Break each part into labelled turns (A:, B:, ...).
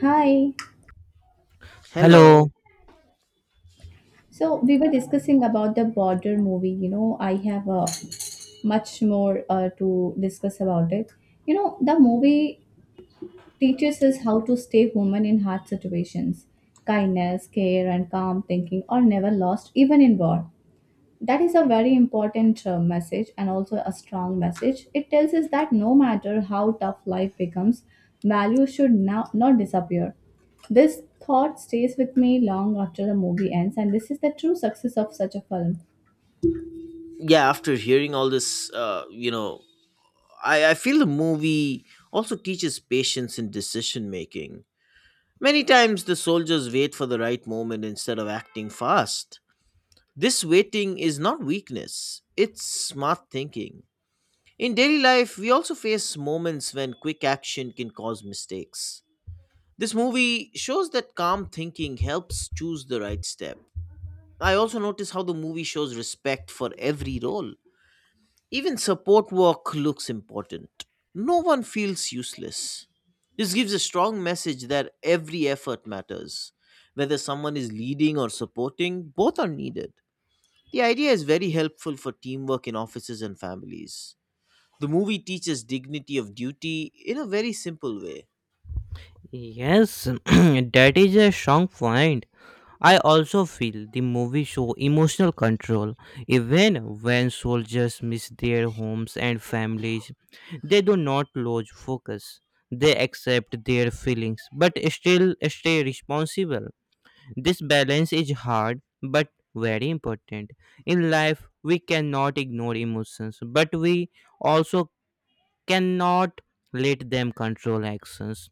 A: Hi.
B: Hello.
C: Hello.
A: So we were discussing about the border movie. You know, I have much more to discuss about it. You know, the movie teaches us how to stay human in hard situations. Kindness, care, and calm thinking are never lost, even in war. That is a very important message and also a strong message. It tells us that no matter how tough life becomes, value should now not disappear. This thought stays with me long after the movie ends, and this is the true success of such a film.
B: Yeah, after hearing all this, I feel the movie also teaches patience in decision making. Many times the soldiers wait for the right moment instead of acting fast. This waiting is not weakness, it's smart thinking. In daily life, we also face moments when quick action can cause mistakes. This movie shows that calm thinking helps choose the right step. I also notice how the movie shows respect for every role. Even support work looks important. No one feels useless. This gives a strong message that every effort matters. Whether someone is leading or supporting, both are needed. The idea is very helpful for teamwork in offices and families. The movie teaches dignity of duty in a very simple way.
C: Yes, that is a strong point. I also feel the movie show emotional control. Even when soldiers miss their homes and families, they do not lose focus. They accept their feelings but still stay responsible. This balance is hard but very important. In life, we cannot ignore emotions, but we also cannot let them control actions.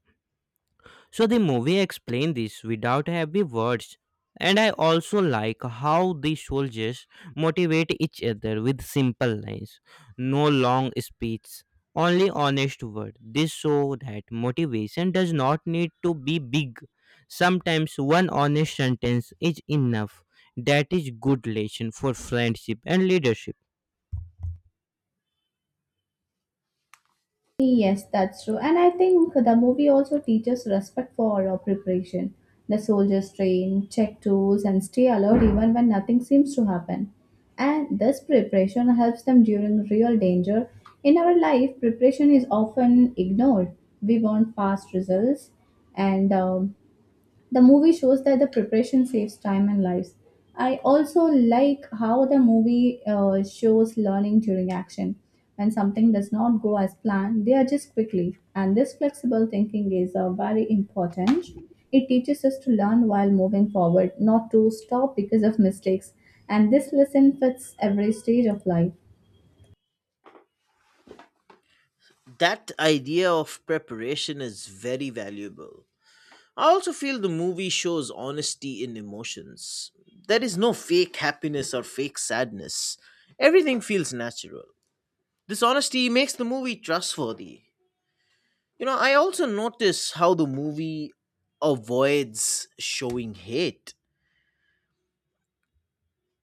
C: So the movie explained this without heavy words. And I also like how the soldiers motivate each other with simple lines, no long speech, only honest word. This show that motivation does not need to be big. Sometimes one honest sentence is enough. That is good lesson for friendship and leadership.
A: Yes, that's true. And I think the movie also teaches respect for preparation. The soldiers train, check tools, and stay alert even when nothing seems to happen. And this preparation helps them during real danger. In our life, preparation is often ignored. We want fast results, and the movie shows that the preparation saves time and lives. I also like how the movie shows learning during action. When something does not go as planned, they adjust quickly. And this flexible thinking is very important. It teaches us to learn while moving forward, not to stop because of mistakes. And this lesson fits every stage of life.
B: That idea of preparation is very valuable. I also feel the movie shows honesty in emotions. There is no fake happiness or fake sadness. Everything feels natural. This honesty makes the movie trustworthy. You know, I also notice how the movie avoids showing hate.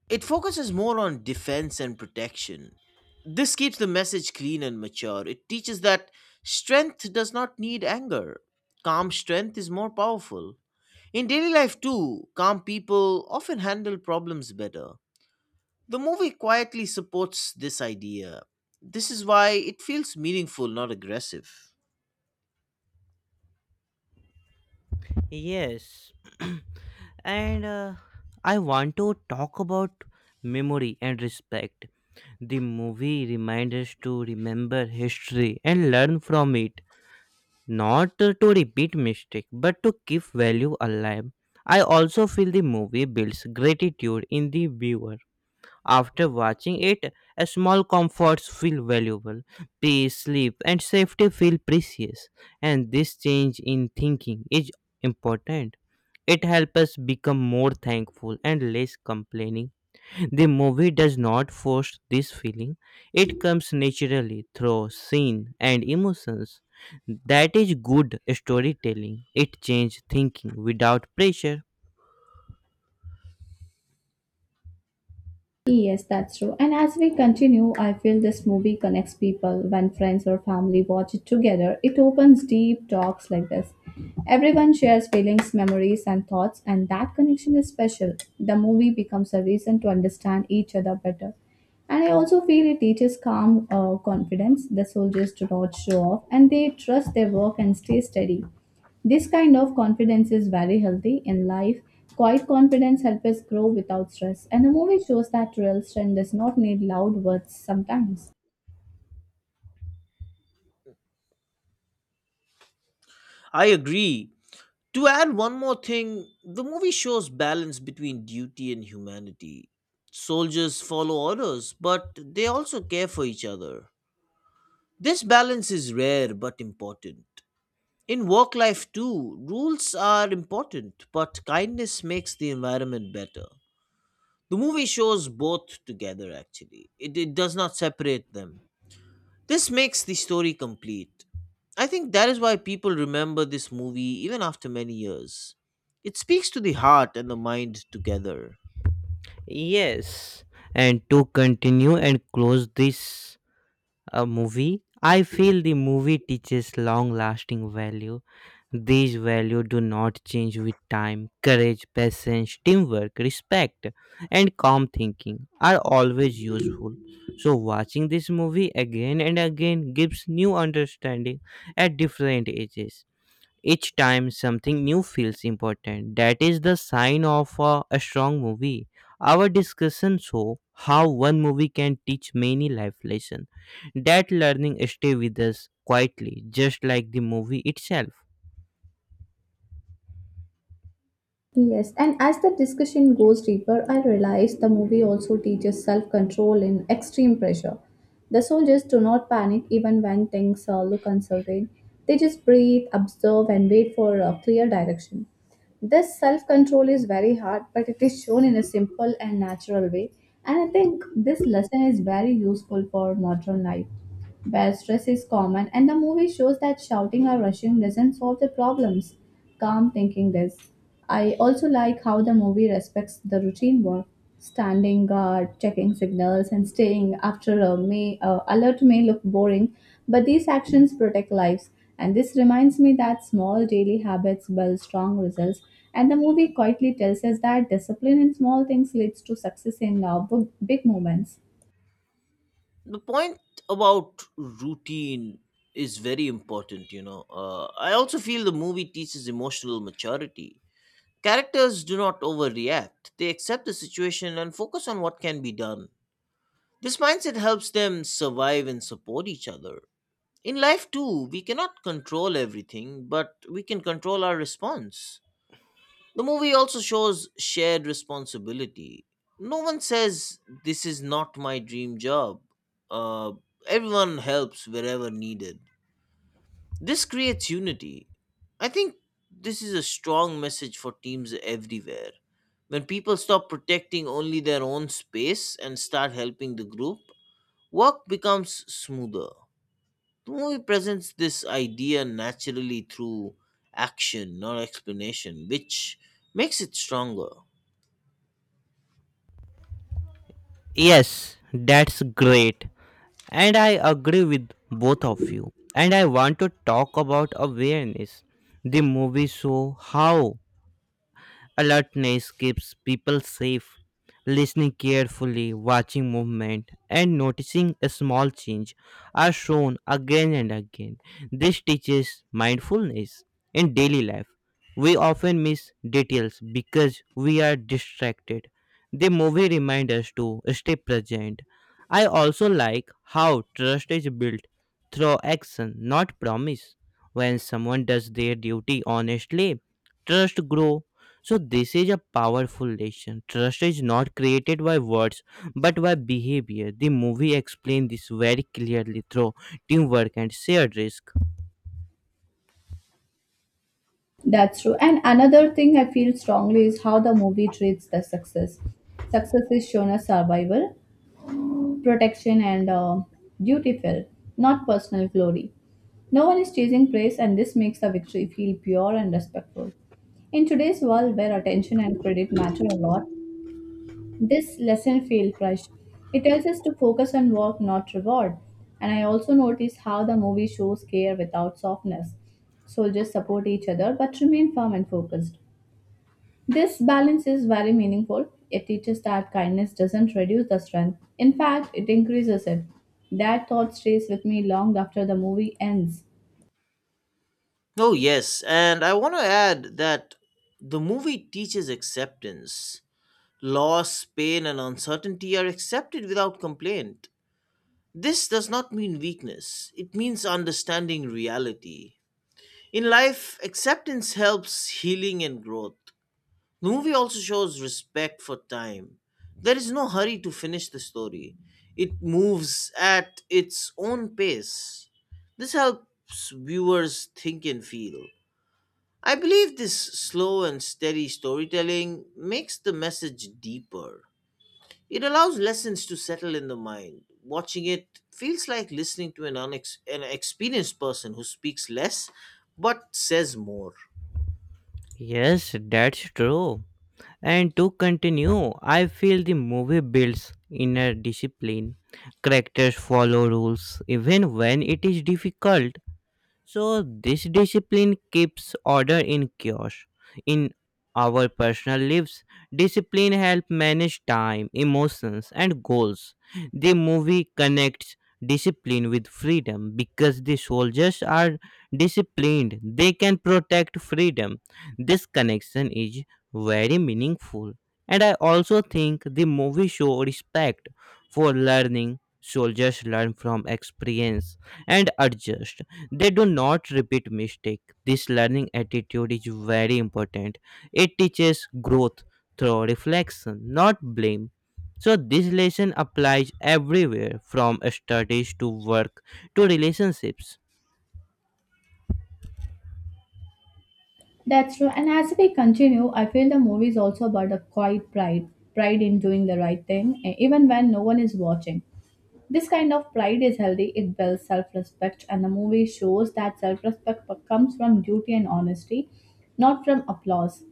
B: It focuses more on defense and protection. This keeps the message clean and mature. It teaches that strength does not need anger. Calm strength is more powerful. In daily life, too, calm people often handle problems better. The movie quietly supports this idea. This is why it feels meaningful, not aggressive.
C: Yes. And I want to talk about memory and respect. The movie reminds us to remember history and learn from it, not to repeat mistakes, but to keep value alive. I also feel the movie builds gratitude in the viewer. After watching it, a small comforts feel valuable. Peace, sleep, and safety feel precious. And this change in thinking is important. It helps us become more thankful and less complaining. The movie does not force this feeling, it comes naturally through scene and emotions. That is good storytelling. It changes thinking without pressure.
A: Yes, that's true. And as we continue, I feel this movie connects people. When friends or family watch it together, it opens deep talks like this. Everyone shares feelings, memories, and thoughts, and that connection is special. The movie becomes a reason to understand each other better. And I also feel it teaches calm confidence. The soldiers do not show off and they trust their work and stay steady. This kind of confidence is very healthy in life. Quiet confidence helps us grow without stress, and the movie shows that real strength does not need loud words sometimes.
B: I agree. To add one more thing, the movie shows balance between duty and humanity. Soldiers follow orders, but they also care for each other. This balance is rare but important. In work life, too, rules are important, but kindness makes the environment better. The movie shows both together, actually. It does not separate them. This makes the story complete. I think that is why people remember this movie even after many years. It speaks to the heart and the mind together.
C: Yes, and to continue and close this a movie I feel the movie teaches long lasting value, these values do not change with time, courage, patience, teamwork, respect, and calm thinking are always useful. So watching this movie again and again gives new understanding at different ages, each time something new feels important. That is the sign of a strong movie. Our discussion show how one movie can teach many life lessons. That learning stay with us quietly, just like the movie itself.
A: Yes, and as the discussion goes deeper, I realize the movie also teaches self control in extreme pressure. The soldiers do not panic even when things look uncertain. They just breathe, observe, and wait for a clear direction. This self control is very hard, but it is shown in a simple and natural way. And I think this lesson is very useful for modern life, where stress is common, and the movie shows that shouting or rushing doesn't solve the problems. Calm thinking does. I also like how the movie respects the routine work. Standing guard, checking signals, and staying alert may look boring, but these actions protect lives. And this reminds me that small daily habits build strong results. And the movie quietly tells us that discipline in small things leads to success in big moments.
B: The point about routine is very important, you know. I also feel the movie teaches emotional maturity. Characters do not overreact, they accept the situation and focus on what can be done. This mindset helps them survive and support each other. In life, too, we cannot control everything, but we can control our response. The movie also shows shared responsibility. No one says, "This is not my dream job." Uh, Everyone helps wherever needed. This creates unity. I think this is a strong message for teams everywhere. When people stop protecting only their own space and start helping the group, work becomes smoother. The movie presents this idea naturally through action, not explanation, which makes it stronger.
C: Yes, that's great. And I agree with both of you. And I want to talk about awareness. The movie show how alertness keeps people safe. Listening carefully, watching movement, and noticing a small change are shown again and again. This teaches mindfulness in daily life. We often miss details because we are distracted. The movie reminds us to stay present. I also like how trust is built through action, not promise. When someone does their duty honestly, trust grows, so this is a powerful lesson. Trust is not created by words, but by behavior. The movie explained this very clearly through teamwork and shared risk.
A: That's true. And another thing I feel strongly is how the movie treats the success. Success is shown as survival, protection and duty felt, not personal glory. No one is chasing praise, and this makes the victory feel pure and respectful. In today's world where attention and credit matter a lot, this lesson feels priced. It tells us to focus on work, not reward. And I also notice how the movie shows care without softness. Soldiers support each other but remain firm and focused. This balance is very meaningful. It teaches that kindness doesn't reduce the strength, in fact, it increases it. That thought stays with me long after the movie ends.
B: Oh, yes, and I want to add that the movie teaches acceptance. Loss, pain, and uncertainty are accepted without complaint. This does not mean weakness, it means understanding reality. In life, acceptance helps healing and growth. The movie also shows respect for time. There is no hurry to finish the story, it moves at its own pace. This helps viewers think and feel. I believe this slow and steady storytelling makes the message deeper. It allows lessons to settle in the mind. Watching it feels like listening to an experienced person who speaks less but says more.
C: Yes, that's true. And to continue, I feel the movie builds inner discipline. Characters follow rules even when it is difficult. So this discipline keeps order in chaos. In our personal lives, discipline helps manage time, emotions, and goals. The movie connects discipline with freedom because the soldiers are disciplined, they can protect freedom. This connection is very meaningful. And I also think the movie show respect for learning. Soldiers learn from experience and adjust, they do not repeat mistake, this learning attitude is very important, it teaches growth through reflection not blame, so this lesson applies everywhere, from studies to work to relationships.
A: That's true, and as we continue, I feel the movie is also about a quiet pride, pride in doing the right thing, even when no one is watching. This kind of pride is healthy, it builds self respect, and the movie shows that self respect comes from duty and honesty, not from applause.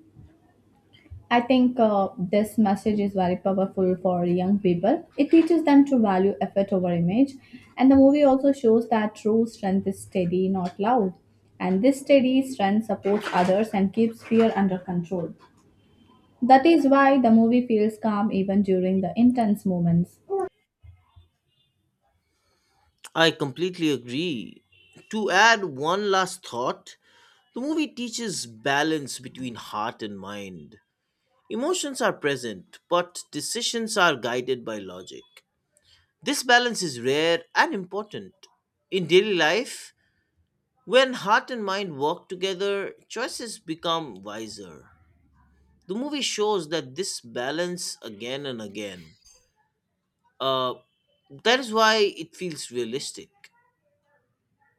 A: I think this message is very powerful for young people. It teaches them to value effort over image. And the movie also shows that true strength is steady, not loud. And this steady strength supports others and keeps fear under control. That is why the movie feels calm even during the intense moments.
B: I completely agree. To add one last thought, the movie teaches balance between heart and mind. Emotions are present, but decisions are guided by logic. This balance is rare and important. In daily life, when heart and mind work together, choices become wiser. The movie shows that this balance again and again. Uh, that is why it feels realistic.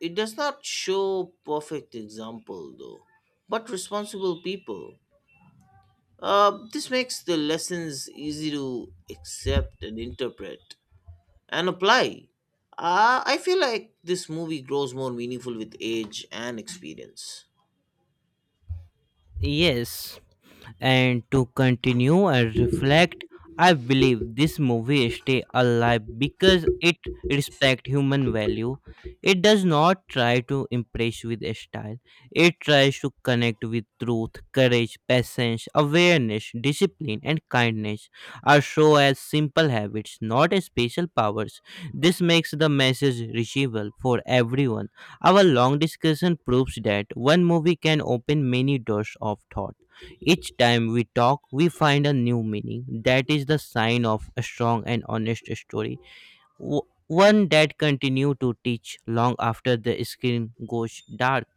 B: It does not show perfect example though, but responsible people. This makes the lessons easy to accept and interpret and apply. I feel like this movie grows more meaningful with age and experience.
C: Yes, and to continue and reflect, I believe this movie stay alive because it respect human value. It does not try to impress with a style. It tries to connect with truth, courage, patience, awareness, discipline, and kindness are shown as simple habits, not as special powers. This makes the message reachable for everyone, our long discussion proves that one movie can open many doors of thought. Each time we talk, we find a new meaning. That is the sign of a strong and honest story. W- One that continue to teach long after the screen goes dark.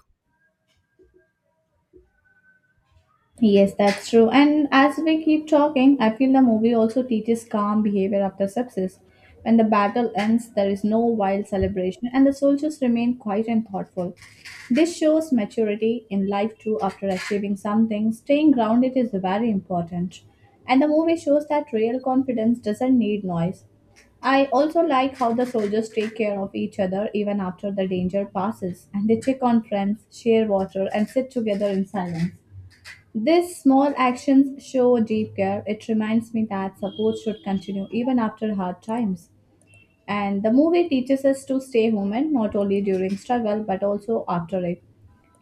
A: Yes, that's true. And as we keep talking, I feel the movie also teaches calm behavior after success. When the battle ends, there is no wild celebration, and the soldiers remain quiet and thoughtful. This shows maturity in life too after achieving something. Staying grounded is very important. And the movie shows that real confidence doesn't need noise. I also like how the soldiers take care of each other even after the danger passes, and they check on friends, share water, and sit together in silence. These small actions show deep care. It reminds me that support should continue even after hard times. And the movie teaches us to stay human, not only during struggle, but also after it.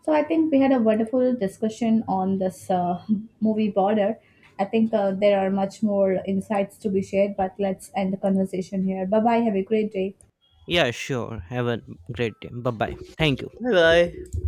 A: So I think we had a wonderful discussion on this movie border. I think there are much more insights to be shared, but let's end the conversation here. Bye bye. Have a great day.
C: Yeah, sure. Have a great day. Bye bye. Thank you.
B: Bye bye.